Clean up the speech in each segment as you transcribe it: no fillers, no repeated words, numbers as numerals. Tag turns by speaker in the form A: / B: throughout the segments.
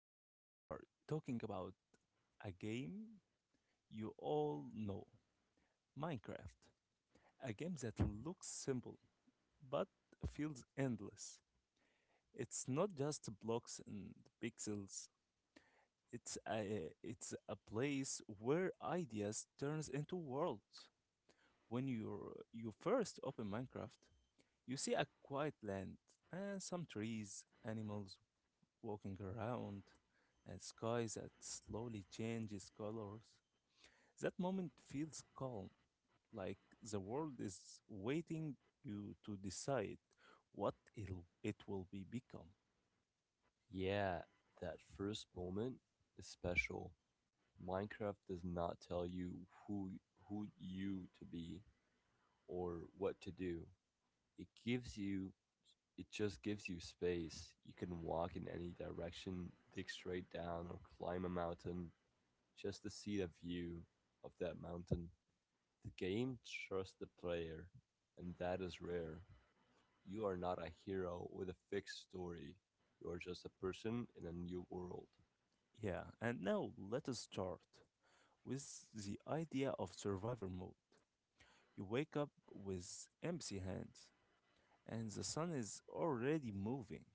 A: Today we are talking about a game you all know Minecraft. A game that looks simple but feels endless. It's not just blocks and pixels. It's a place where ideas turns into worlds. When you first open Minecraft, you see a quiet land and some trees, animals, walking around, and sky that slowly changes colors. That moment feels calm, like the world is waiting you to decide what it will be become.
B: Yeah, that first moment is special. Minecraft does not tell you who who you to be or what to do. It gives you it just gives you space. You can walk in any direction, dig straight down or climb a mountain just to see the view of that mountain. The game trusts the player, and that is rare. You are not a hero with a fixed story. You are just a person in a new world.
A: Yeah, and now let us start with the idea of survivor mode. You wake up with empty hands, and the sun is already moving.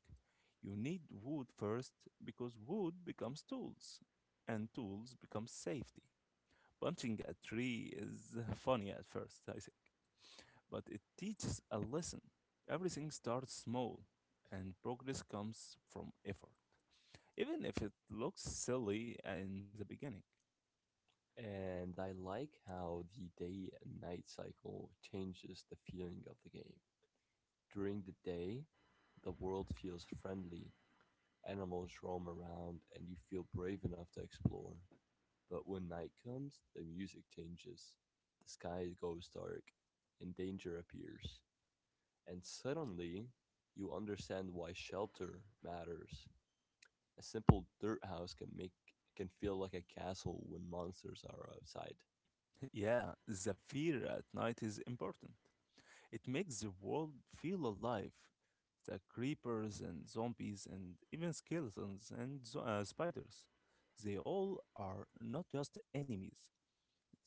A: You need wood first because wood becomes tools, and tools become safety. Punching a tree is funny at first, I think, but it teaches a lesson. Everything starts small, and progress comes from effort, even if it looks silly in the beginning.
B: And I like how the day and night cycle changes the feeling of the game. During the day, the world feels friendly, animals roam around, and you feel brave enough to explore. But when night comes, the music changes, the sky goes dark, and danger appears. And suddenly, you understand why shelter matters. A simple dirt house can feel like a castle when monsters are outside.
A: Yeah, the fear at night is important. It makes the world feel alive. The creepers and zombies and even skeletons and spiders. They all are not just enemies.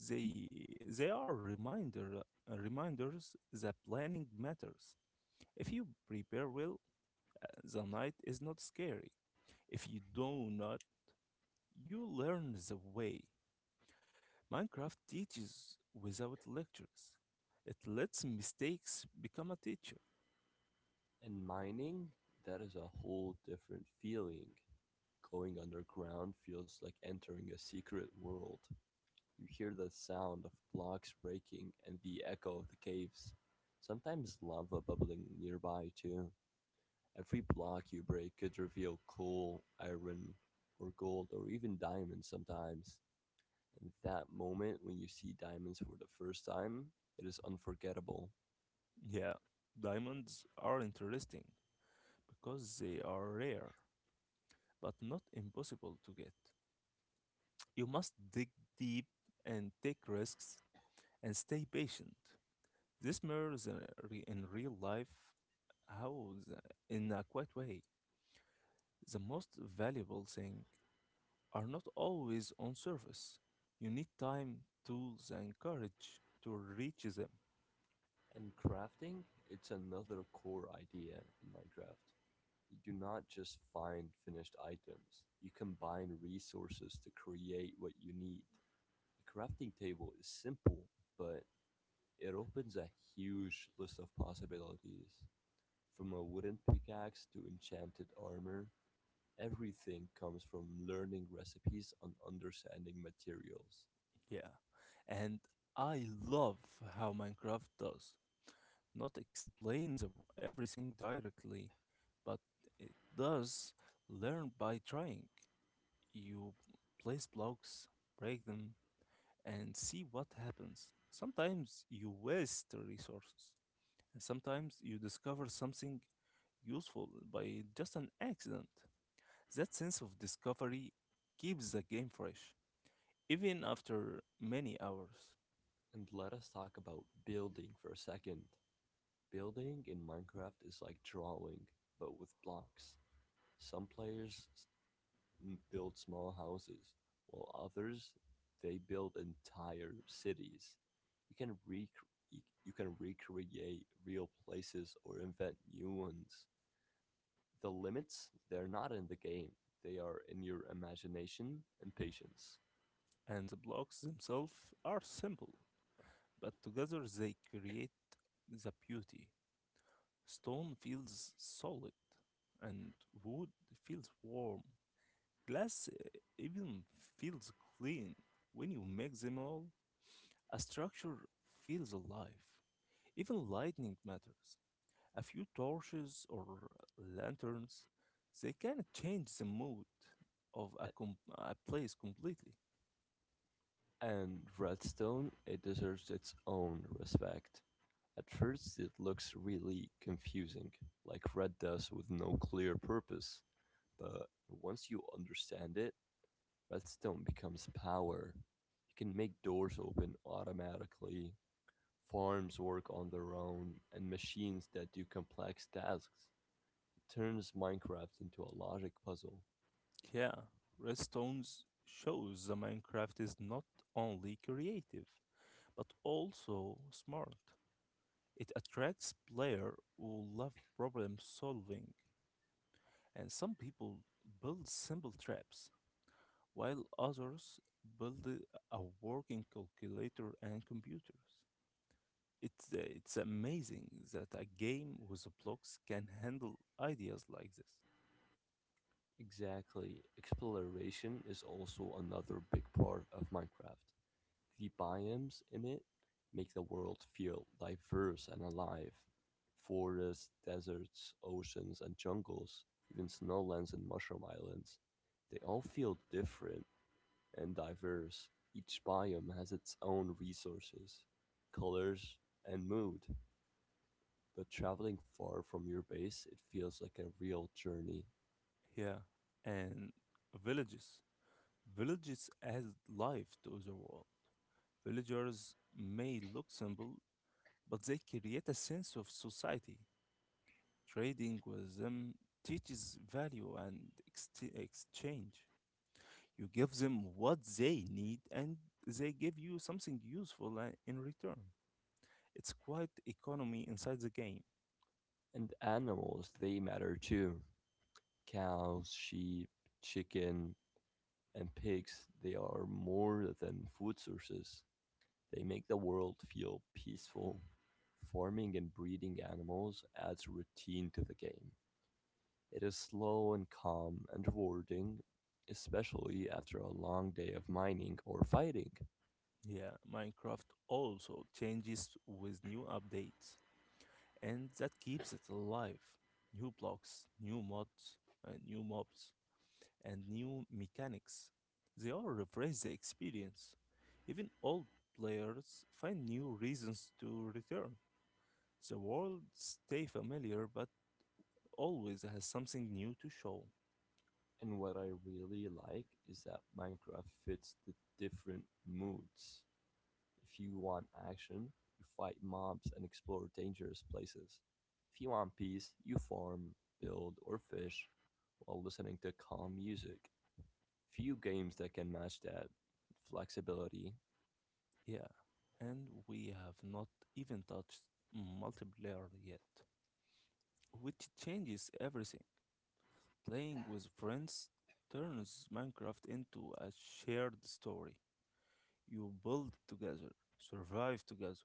A: They are reminders that planning matters. If you prepare well, the night is not scary. If you do not, you learn the way. Minecraft teaches without lectures. It lets mistakes become a teacher.
B: And mining, that is a whole different feeling. Going underground feels like entering a secret world. You hear the sound of blocks breaking and the echo of the caves. Sometimes lava bubbling nearby, too. Every block you break could reveal coal, iron, or gold, or even diamonds sometimes. And that moment when you see diamonds for the first time, it is unforgettable.
A: Yeah, diamonds are interesting because they are rare, but not impossible to get. You must dig deep and take risks and stay patient. This mirrors in real life how, the, in a quiet way, the most valuable thing are not always on surface. You need time, tools, and courage to reach them.
B: And crafting, it's another core idea in Minecraft. You do not just find finished items, you combine resources to create what you need. A crafting table is simple, but it opens a huge list of possibilities. From a wooden pickaxe to enchanted armor, everything comes from learning recipes and understanding materials.
A: Yeah, and I love how Minecraft does. Not explains everything directly, but it does learn by trying. You place blocks, break them, and see what happens. Sometimes you waste resources, and sometimes you discover something useful by just an accident. That sense of discovery keeps the game fresh, even after many hours.
B: And let us talk about building for a second. Building in Minecraft is like drawing, but with blocks. Some players build small houses, while others they build entire cities. You can re you can recreate real places or invent new ones. The limits they're not in the game; they are in your imagination and patience.
A: And the blocks themselves are simple, but together they create the beauty. Stone feels solid, and wood feels warm. Glass even feels clean when you mix them all. A structure feels alive. Even lighting matters. A few torches or lanterns, they can change the mood of
B: A-
A: a place completely.
B: And Redstone it deserves its own respect. At first, it looks really confusing, like red does with no clear purpose. But once you understand it, Redstone becomes power. You can make doors open automatically, farms work on their own, and machines that do complex tasks. It turns Minecraft into a logic puzzle.
A: Yeah, Redstones shows the Minecraft is not only creative, but also smart. It attracts players who love problem solving. And some people build simple traps, while others build a working calculator and computers. It's amazing that a game with blocks can handle ideas like this.
B: Exactly. Exploration is also another big part of Minecraft. The biomes in it make the world feel diverse and alive. Forests, deserts, oceans, and jungles, even snowlands and mushroom islands, they all feel different and diverse, each biome has its own resources, colors, and mood, but traveling far from your base, it feels like a real journey.
A: Yeah, and villages. Villages add life to the world. Villagers may look simple, but they create a sense of society. Trading with them teaches value and exchange. You give them what they need and they give you something useful in return. It's quite economy inside the game.
B: And animals, they matter too. Cows, sheep, chicken, and pigs, they are more than food sources. They make the world feel peaceful. Farming and breeding animals adds routine to the game. It is slow and calm and rewarding, especially after a long day of mining or fighting.
A: Yeah, Minecraft also changes with new updates and that keeps it alive. New blocks, new mods, new mobs, and new mechanics. They all refresh the experience. Even old players find new reasons to return. The world stay familiar, but always has something new to show.
B: And what I really like is that Minecraft fits the different moods. If you want action, you fight mobs and explore dangerous places. If you want peace, you farm, build, or fish while listening to calm music. Few games that can match that flexibility.
A: Yeah, and we have not even touched multiplayer yet, which changes everything. Playing with friends turns Minecraft into a shared story. You build together, survive together,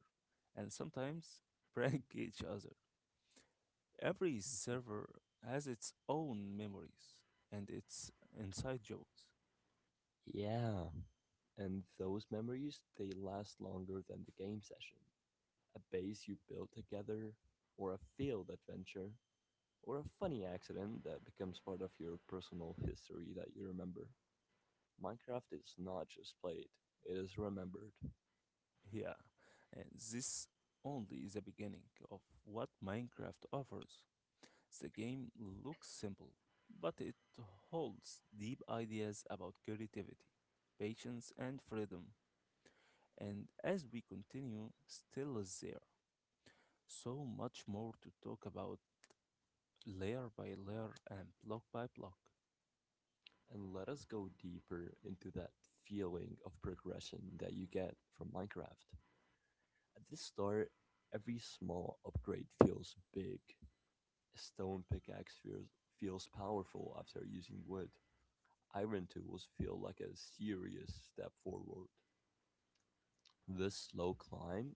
A: and sometimes prank each other. Every server has its own memories and its inside jokes.
B: Yeah, and those memories they last longer than the game session. A base you build together, or a field adventure, or a funny accident that becomes part of your personal history that you remember. Minecraft is not just played, it is remembered.
A: Yeah, and this only is the beginning of what Minecraft offers. The game looks simple, but it holds deep ideas about creativity, patience, and freedom. And as we continue, still is there. So much more to talk about layer by layer and block by block.
B: And let us go deeper into that feeling of progression that you get from Minecraft. At the start, every small upgrade feels big. A stone pickaxe feels powerful after using wood. Iron tools feel like a serious step forward. This slow climb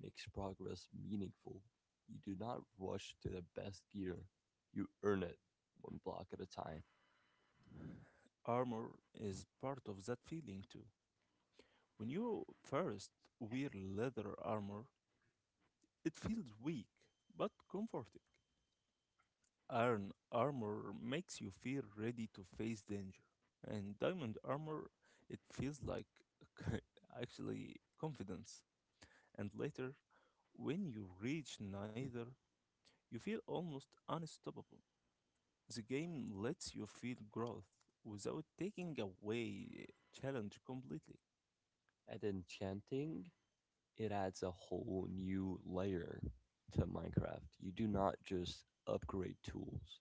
B: makes progress meaningful. You do not rush to the best gear, you earn it one block at a time.
A: Armor is part of that feeling too. When you first wear leather armor, it feels weak but comforting. Iron armor makes you feel ready to face danger, and diamond armor it feels like actually confidence. And later, when you reach neither, you feel almost unstoppable. The game lets you feel growth without taking away challenge completely.
B: At enchanting, it adds a whole new layer to Minecraft. You do not just upgrade tools,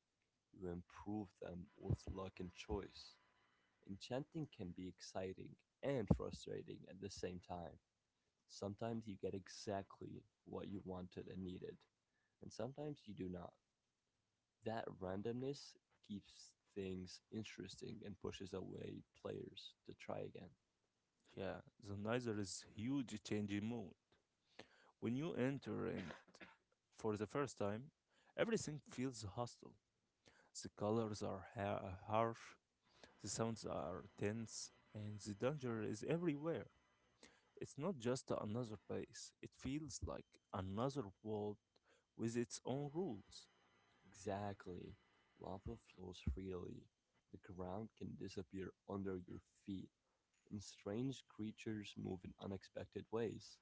B: you improve them with luck and choice. Enchanting can be exciting and frustrating at the same time. Sometimes you get exactly what you wanted and needed, and sometimes you do not. That randomness keeps things interesting and pushes away players to try again.
A: Yeah, the neither is huge change in mood. When you enter in for the first time, everything feels hostile. The colors are harsh, the sounds are tense, and the danger is everywhere. It's not just another place, it feels like another world with its own rules.
B: Exactly. Lava flows freely. The ground can disappear under your feet, and strange creatures move in unexpected ways.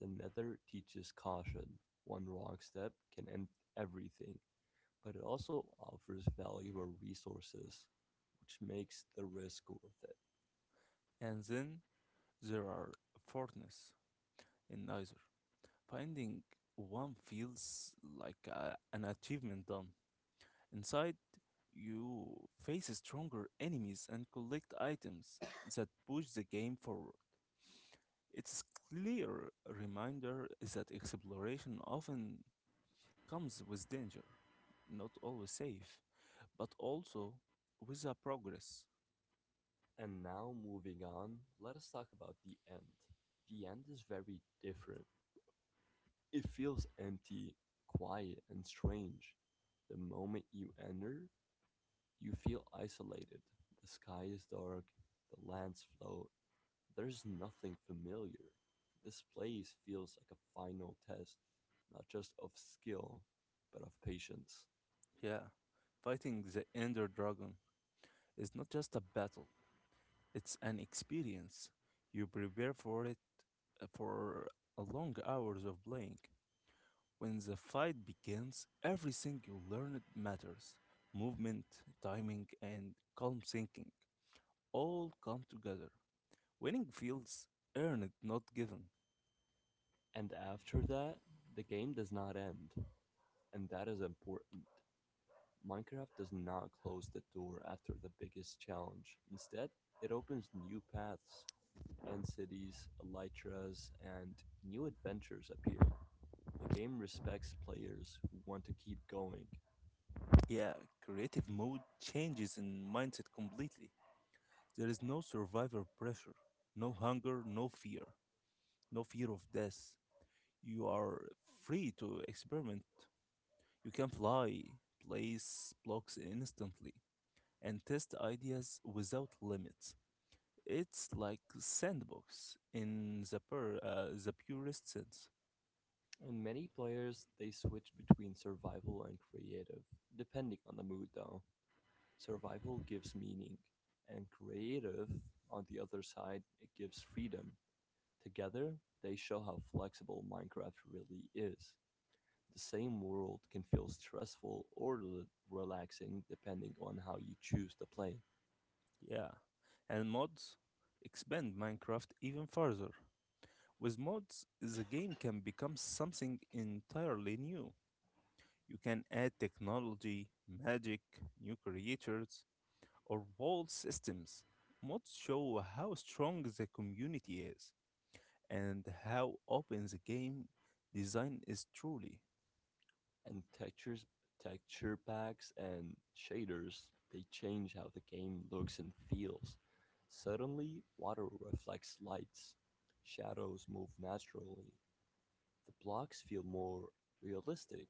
B: The Nether teaches caution. One wrong step can end everything, but it also offers valuable resources, which makes the risk worth it.
A: And then there are fortness in either. Finding one feels like an achievement done. Inside, you face stronger enemies and collect items that push the game forward. It's clear reminder is that exploration often comes with danger, not always safe, but also with a progress.
B: And now, moving on, let us talk about the end. The end is very different. It feels empty, quiet, and strange. The moment you enter, you feel isolated. The sky is dark, the lands float. There's nothing familiar. This place feels like a final test, not just of skill, but of patience.
A: Yeah, fighting the Ender Dragon is not just a battle; it's an experience. You prepare for it for a long hours of playing. When the fight begins, everything you learned matters. Movement, timing, and calm thinking all come together. Winning feels earned, not given.
B: And after that, the game does not end, and that is important. Minecraft does not close the door after the biggest challenge. Instead, it opens new paths and cities, elytras, and new adventures appear. The game respects players who want to keep going.
A: Yeah, creative mode changes in mindset completely. There is no survivor pressure, no hunger, no fear, no fear of death. You are free to experiment. You can fly, place blocks instantly, and test ideas without limits. It's like sandbox in the purest sense.
B: And many players they switch between survival and creative, depending on the mood though. Survival gives meaning, and creative, on the other side, it gives freedom. Together, they show how flexible Minecraft really is. The same world can feel stressful or relaxing depending on how you choose to play.
A: Yeah, and mods expand Minecraft even further. With mods, the game can become something entirely new. You can add technology, magic, new creatures, or world systems. Mods show how strong the community is and how open the game design is truly.
B: And texture packs and shaders, they change how the game looks and feels. Suddenly water reflects lights, shadows move naturally, the blocks feel more realistic.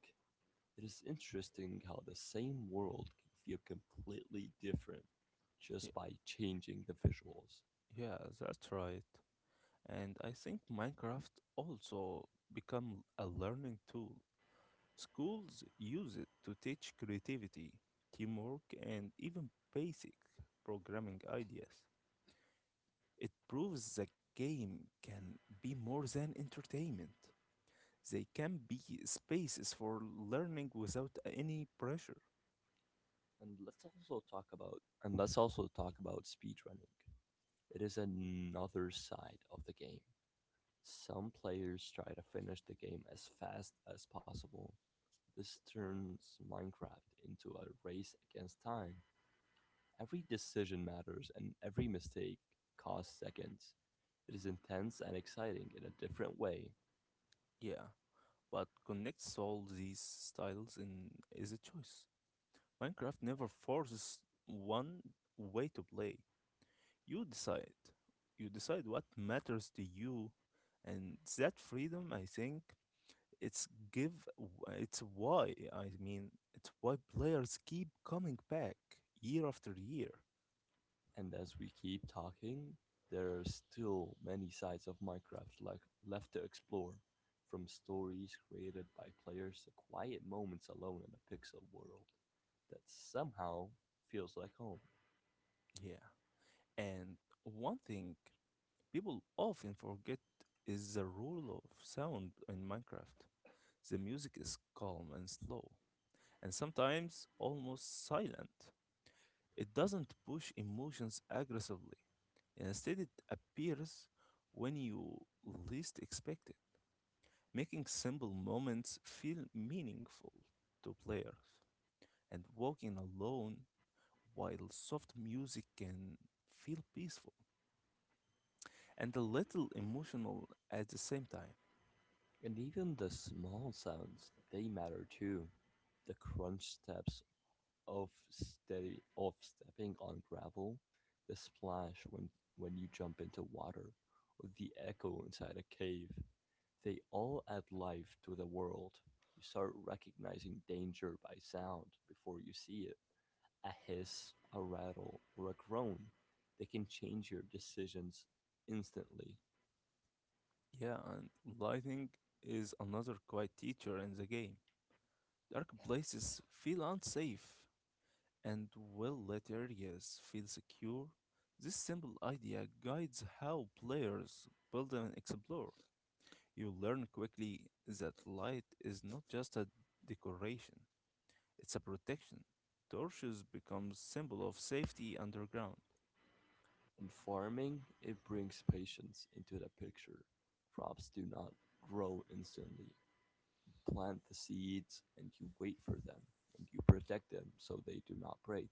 B: It is interesting how the same world can feel completely different
A: Ye-
B: just by changing the visuals.
A: Yeah, that's right. And I think Minecraft also become a learning tool. Schools use it to teach creativity, teamwork, and even basic programming ideas. It proves that game can be more than entertainment. They can be spaces for learning without any pressure.
B: And let's also talk about and let's also talk about speedrunning. It is another side of the game. Some players try to finish the game as fast as possible. This turns Minecraft into a race against time. Every decision matters and every mistake costs seconds. It is intense and exciting in a different way.
A: Yeah, what connects all these styles in is a choice. Minecraft never forces one way to play. You decide. You decide what matters to you, and that freedom, I think, it's give. It's why players keep coming back year after year.
B: And as we keep talking, there are still many sides of Minecraft left to explore, from stories created by players to quiet moments alone in a pixel world that somehow feels like home.
A: Yeah, and one thing people often forget is the rule of sound in Minecraft. The music is calm and slow, and sometimes almost silent. It doesn't push emotions aggressively. Instead, it appears when you least expect it, making simple moments feel meaningful to players. And walking alone while soft music can feel peaceful and a little emotional at the same time.
B: And even the small sounds, they matter too. The crunch steps of stepping on gravel, the splash when you jump into water, or the echo inside a cave. They all add life to the world. You start recognizing danger by sound before you see it. A hiss, a rattle, or a groan. They can change your decisions instantly.
A: Yeah, and lighting is another quiet teacher in the game. Dark places feel unsafe and will let areas feel secure. This simple idea guides how players build and explore. You learn quickly that light is not just a decoration, it's a protection. Torches become symbol of safety underground.
B: In farming, it brings patience into the picture. Crops do not grow instantly. You plant the seeds and you wait for them, and you protect them so they do not break.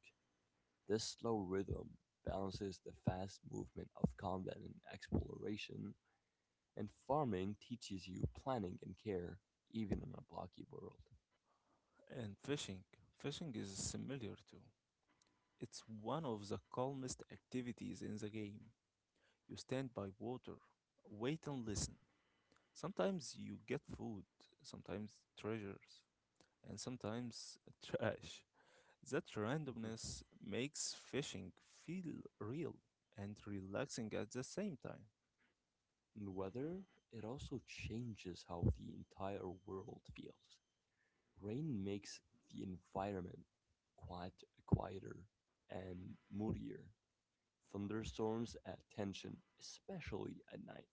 B: This slow rhythm balances the fast movement of combat and exploration, and farming teaches you planning and care, even in a blocky world.
A: And fishing. Fishing is similar too. It's one of the calmest activities in the game. You stand by water, wait and listen. Sometimes you get food, sometimes treasures, and sometimes trash. That randomness makes fishing feel real and relaxing at the same time.
B: And weather, it also changes how the entire world feels. Rain makes the environment quite quieter and moodier. Thunderstorms add tension, especially at night.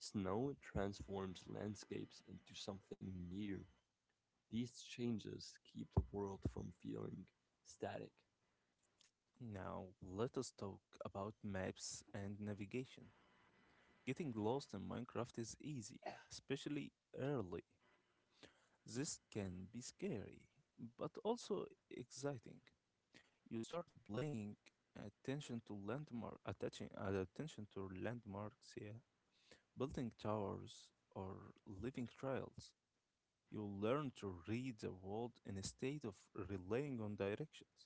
B: Snow transforms landscapes into something new. These changes keep the world from feeling static.
A: Now, let us talk about maps and navigation. Getting lost in Minecraft is easy, especially early. This can be scary, but also exciting. You start playing attention to landmarks, yeah, building towers or living trails. You learn to read the world instead of relying on directions.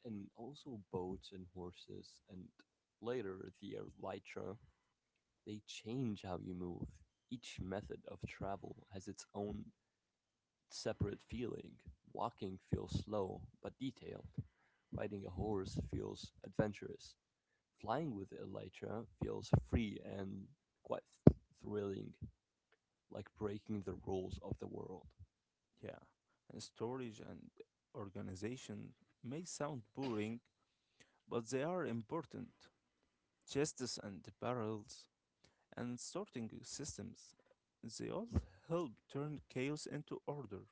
B: And also, boats and horses, and later the elytra, they change how you move. Each method of travel has its own separate feeling. Walking feels slow but detailed. Riding a horse feels adventurous. Flying with elytra feels free and quite thrilling, like breaking the rules of the world.
A: Yeah, and storage and organization may sound boring, but they are important. Chests and barrels and sorting systems, they all help turn chaos into order.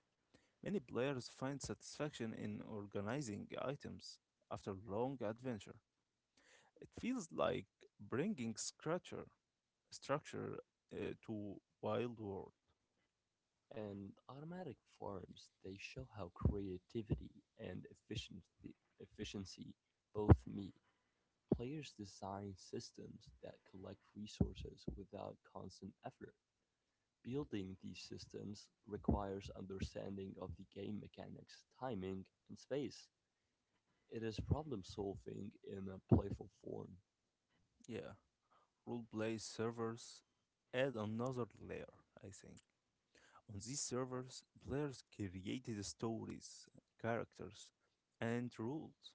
A: Many players find satisfaction in organizing items after long adventure. It feels like bringing structure to Wild World.
B: And automatic farms, they show how creativity and efficiency both meet. Players design systems that collect resources without constant effort. Building these systems requires understanding of the game mechanics, timing, and space. It is problem solving in a playful form.
A: Yeah, roleplay servers add another layer, I think. On these servers, players created stories, characters, and rules.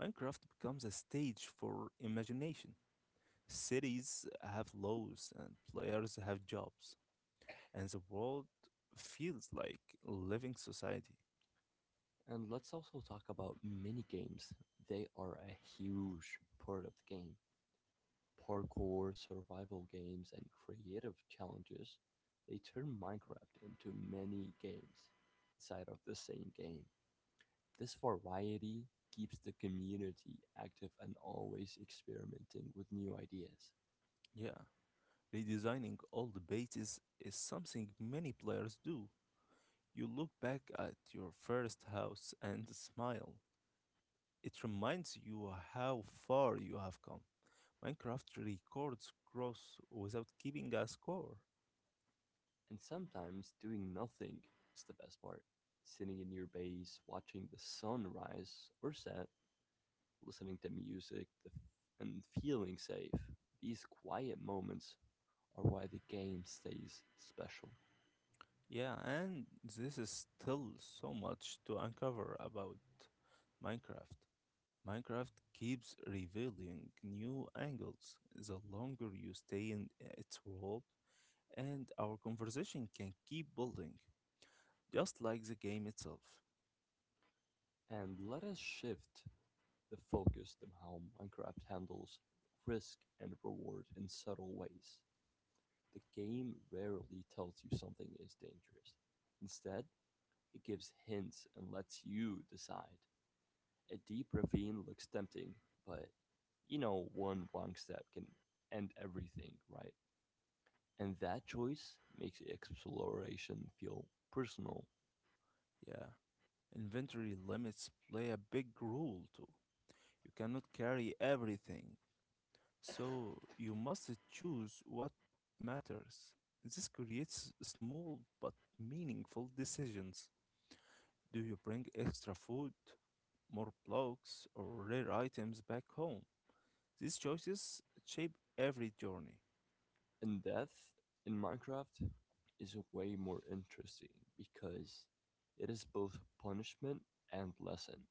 A: Minecraft becomes a stage for imagination. Cities have laws and players have jobs, and the world feels like a living society.
B: And let's also talk about mini games. They are a huge part of the game. Parkour, survival games, and creative challenges. They turn Minecraft into many games inside of the same game. This variety keeps the community active and always experimenting with new ideas.
A: Yeah, Redesigning old bases is something many players do. You look back at your first house and smile. It reminds you how far you have come. Minecraft records growth without keeping a score.
B: And sometimes doing nothing is the best part. Sitting in your base, watching the sun rise or set, listening to music, and feeling safe. These quiet moments are why the game stays special.
A: Yeah, and this is still so much to uncover about Minecraft. Minecraft keeps revealing new angles the longer you stay in its world and our conversation can keep building, just like the game itself.
B: And let us shift the focus to how Minecraft handles risk and reward in subtle ways. The game rarely tells you something is dangerous. Instead, it gives hints and lets you decide. A deep ravine looks tempting, but one wrong step can end everything, right? And that choice makes exploration feel personal.
A: Yeah, inventory limits play a big role too. You cannot carry everything, so you must choose what matters. This creates small but meaningful decisions. Do you bring extra food, more blocks, or rare items back home? These choices shape every journey,
B: And death in Minecraft is way more interesting because it is both punishment and lesson.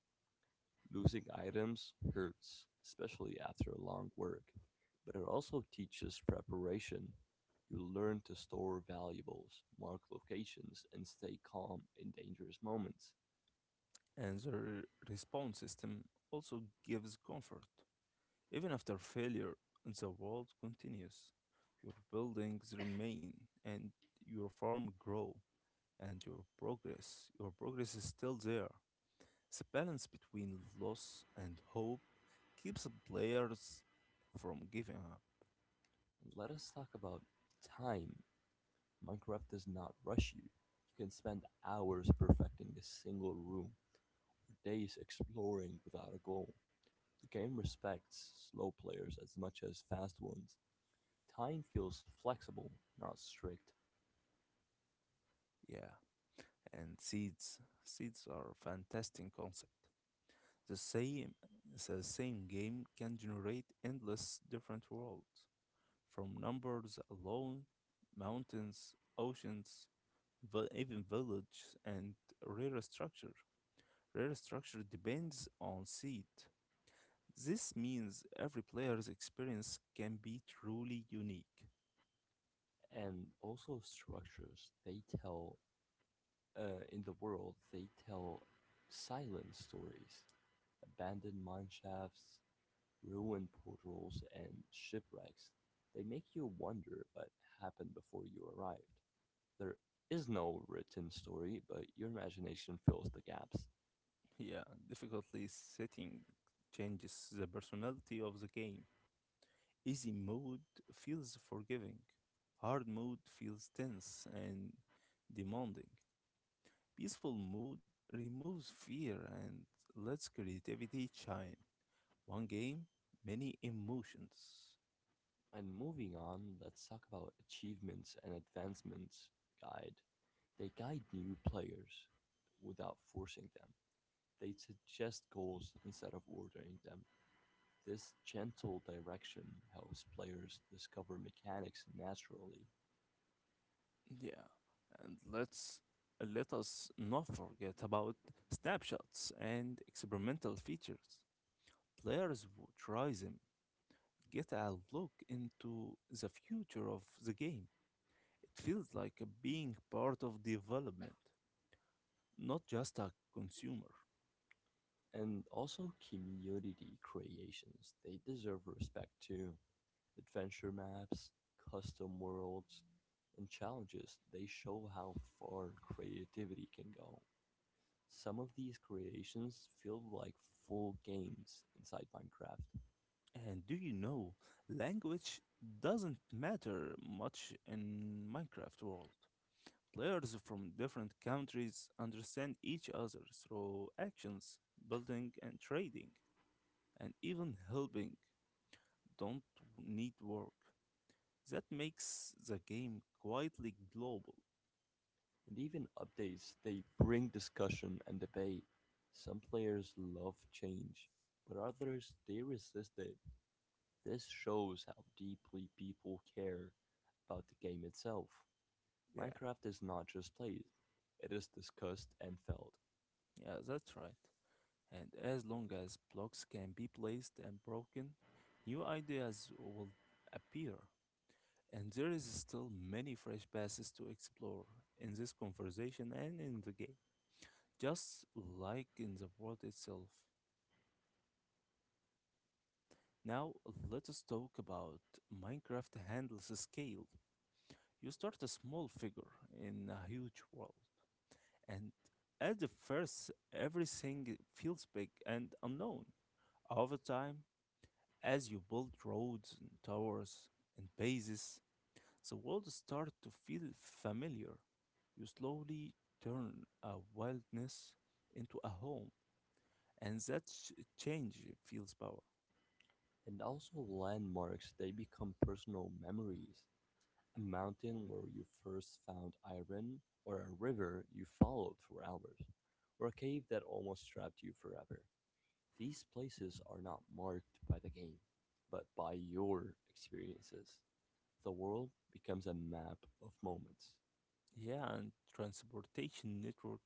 B: Losing items hurts, especially after a long work, but it also teaches preparation. You learn to store valuables, mark locations, and stay calm in dangerous moments.
A: and the response system also gives comfort. Even after failure, the world continues. Your buildings remain and your farm grow and your progress. Your progress is still there. The balance between loss and hope keeps players from giving up.
B: And let us talk about time. Minecraft does not rush you. You can spend hours perfecting a single room, or days exploring without a goal. The game respects slow players as much as fast ones. Time feels flexible, not strict.
A: Yeah. And seeds. Seeds are a fantastic concept. The same the same game can generate endless different worlds. From numbers alone, mountains, oceans, even villages, and rare structure. Rare structure depends on seed. This means every player's experience can be truly unique.
B: And also structures. In the world, they tell silent stories, abandoned mine shafts, ruined portals, and shipwrecks. They make you wonder what happened before you arrived. There is no written story, but your imagination fills the gaps.
A: Yeah, difficulty setting changes the personality of the game. Easy mode feels forgiving, hard mode feels tense and demanding. Peaceful mood removes fear and lets creativity shine. One game, many emotions.
B: And moving on, let's talk about achievements and advancements guide. They guide new players without forcing them. They suggest goals instead of ordering them. This gentle direction helps players discover mechanics naturally.
A: Yeah, and let us not forget about snapshots and experimental features. Players who try them get a look into the future of the game. It feels like being part of development, not just a consumer.
B: And also community creations. They deserve respect too. Adventure maps, custom worlds, and challenges, they show how far creativity can go. Some of these creations feel like full games inside Minecraft.
A: And do you know, language doesn't matter much in Minecraft world. Players from different countries understand each other through actions, building and trading, and even helping don't need work. That makes the game quietly global.
B: And even updates, they bring discussion and debate. Some players love change, but others they resist it. This shows how deeply people care about the game itself.
A: Yeah,
B: Minecraft is not just played, it is discussed and felt.
A: yeah, that's right. And as long as blocks can be placed and broken, new ideas will appear. And there is still many fresh passes to explore in this conversation and in the game, just like in the world itself. Now, let us talk about Minecraft handles scale. You start a small figure in a huge world, and at the first, everything feels big and unknown. Over time, as you build roads and towers and bases, the world starts to feel familiar. You slowly turn a wilderness into a home, and that change feels power.
B: And also landmarks, they become personal memories. A mountain where you first found iron, or a river you followed for hours, or a cave that almost trapped you forever. These places are not marked by the game, but by your experiences. The world becomes a map of moments.
A: Yeah, and transportation network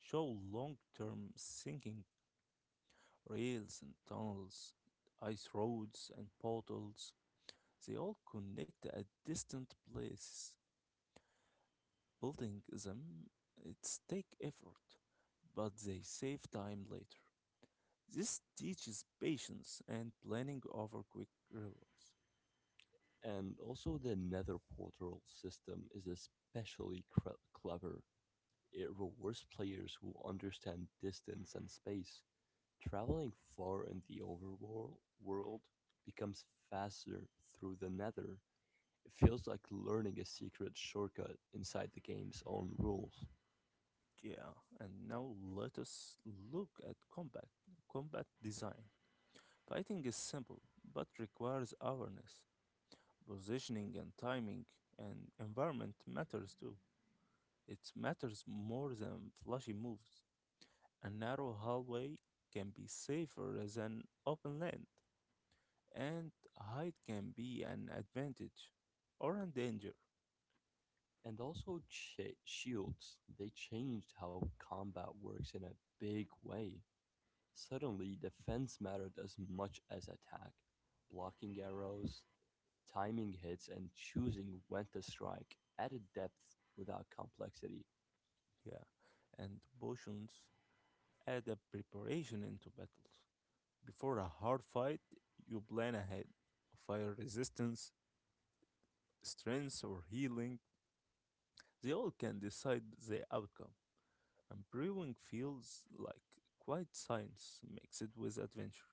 A: show long-term sinking rails and tunnels, ice roads and portals. They all connect at distant places. Building them, it's take effort, but they save time later. This teaches patience and planning over quick rewards.
B: And also, the nether portal system is especially clever. It rewards players who understand distance and space. Traveling far in the overworld world becomes faster through the nether. It feels like learning a secret shortcut inside the game's own rules.
A: Yeah, and now let us look at combat design. Fighting is simple, but requires awareness. Positioning and timing and environment matters too. It matters more than flashy moves. A narrow hallway can be safer than open land, and height can be an advantage or a danger.
B: And also shields, they changed how combat works in a big way. Suddenly defense mattered as much as attack. Blocking arrows, timing hits and choosing when to strike added depth without complexity.
A: Yeah, and potions add a preparation into battles. Before a hard fight, you plan ahead. Fire resistance, strength, or healing, they all can decide the outcome. And brewing feels like quite science mixed with adventure.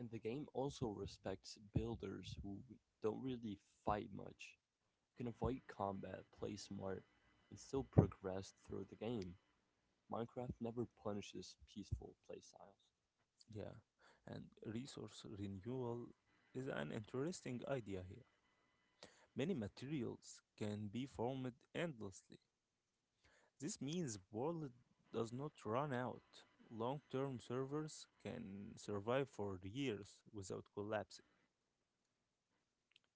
B: And the game also respects builders who don't really fight much. You can avoid combat, play smart, and still progress through the game. Minecraft never punishes peaceful playstyles.
A: Yeah, and resource renewal is an interesting idea here. Many materials can be formed endlessly. This means world does not run out. Long-term servers can survive for years without collapsing.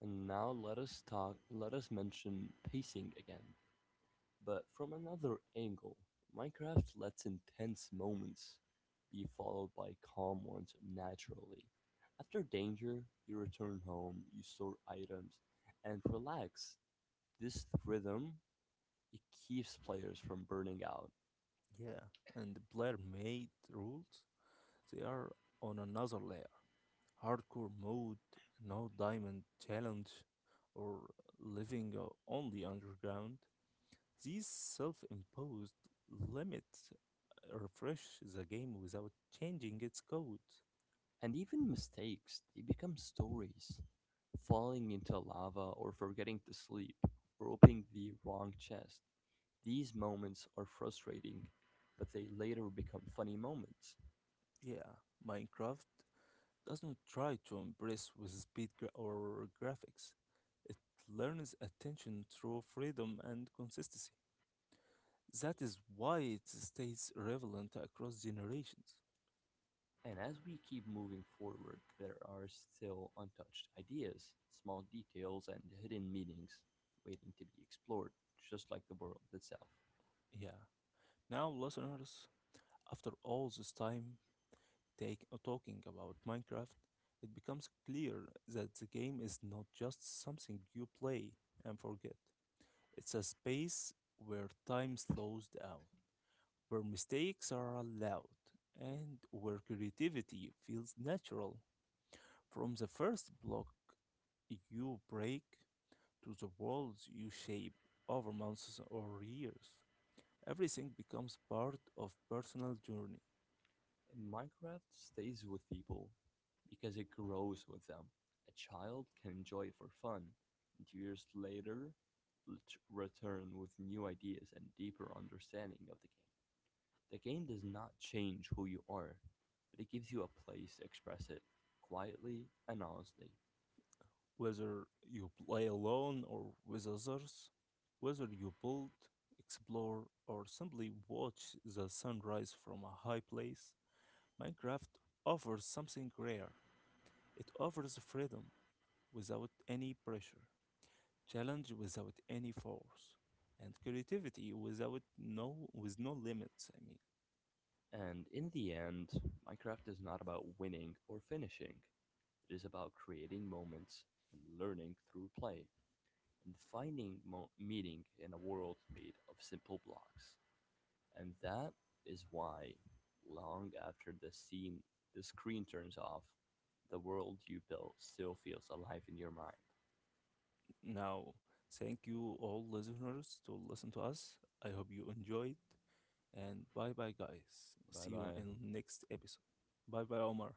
B: And now let us mention pacing again, but from another angle. Minecraft lets intense moments be followed by calm ones naturally. After danger, you return home, you store items, and relax. This rhythm it keeps players from burning out.
A: Yeah, and player made rules, they are on another layer. Hardcore mode, no diamond challenge, or living only underground. These self-imposed limits refresh the game without changing its code.
B: And even mistakes, they become stories. Falling into lava or forgetting to sleep or opening the wrong chest. These moments are frustrating, but they later become funny moments.
A: Yeah, Minecraft does not try to impress with speed or graphics. It learns attention through freedom and consistency. That is why it stays relevant across generations.
B: And as we keep moving forward, there are still untouched ideas, small details, and hidden meanings waiting to be explored, just like the world itself.
A: Yeah. Now, listeners, after all this time talking about Minecraft, it becomes clear that the game is not just something you play and forget. It's a space where time slows down, where mistakes are allowed and where creativity feels natural. From the first block you break to the walls you shape over months or years, everything becomes part of personal journey.
B: And Minecraft stays with people because it grows with them. A child can enjoy it for fun, and years later, ret- return with new ideas and deeper understanding of the game. The game does not change who you are, but it gives you a place to express it quietly and honestly.
A: Whether you play alone or with others, whether you build, explore, or simply watch the sunrise from a high place, Minecraft offers something rare. It offers freedom, without any pressure, challenge without any force, and creativity without no with no limits. I mean,
B: And in the end, Minecraft is not about winning or finishing. It is about creating moments and learning through play and finding meaning in a world made of simple blocks. And that is why, long after the screen turns off, the world you built still feels alive in your mind.
A: now thank you all listeners to listen to us. I hope you enjoyed, and bye bye guys.
B: Bye
A: See you
B: bye.
A: in next episode. Bye bye Omar.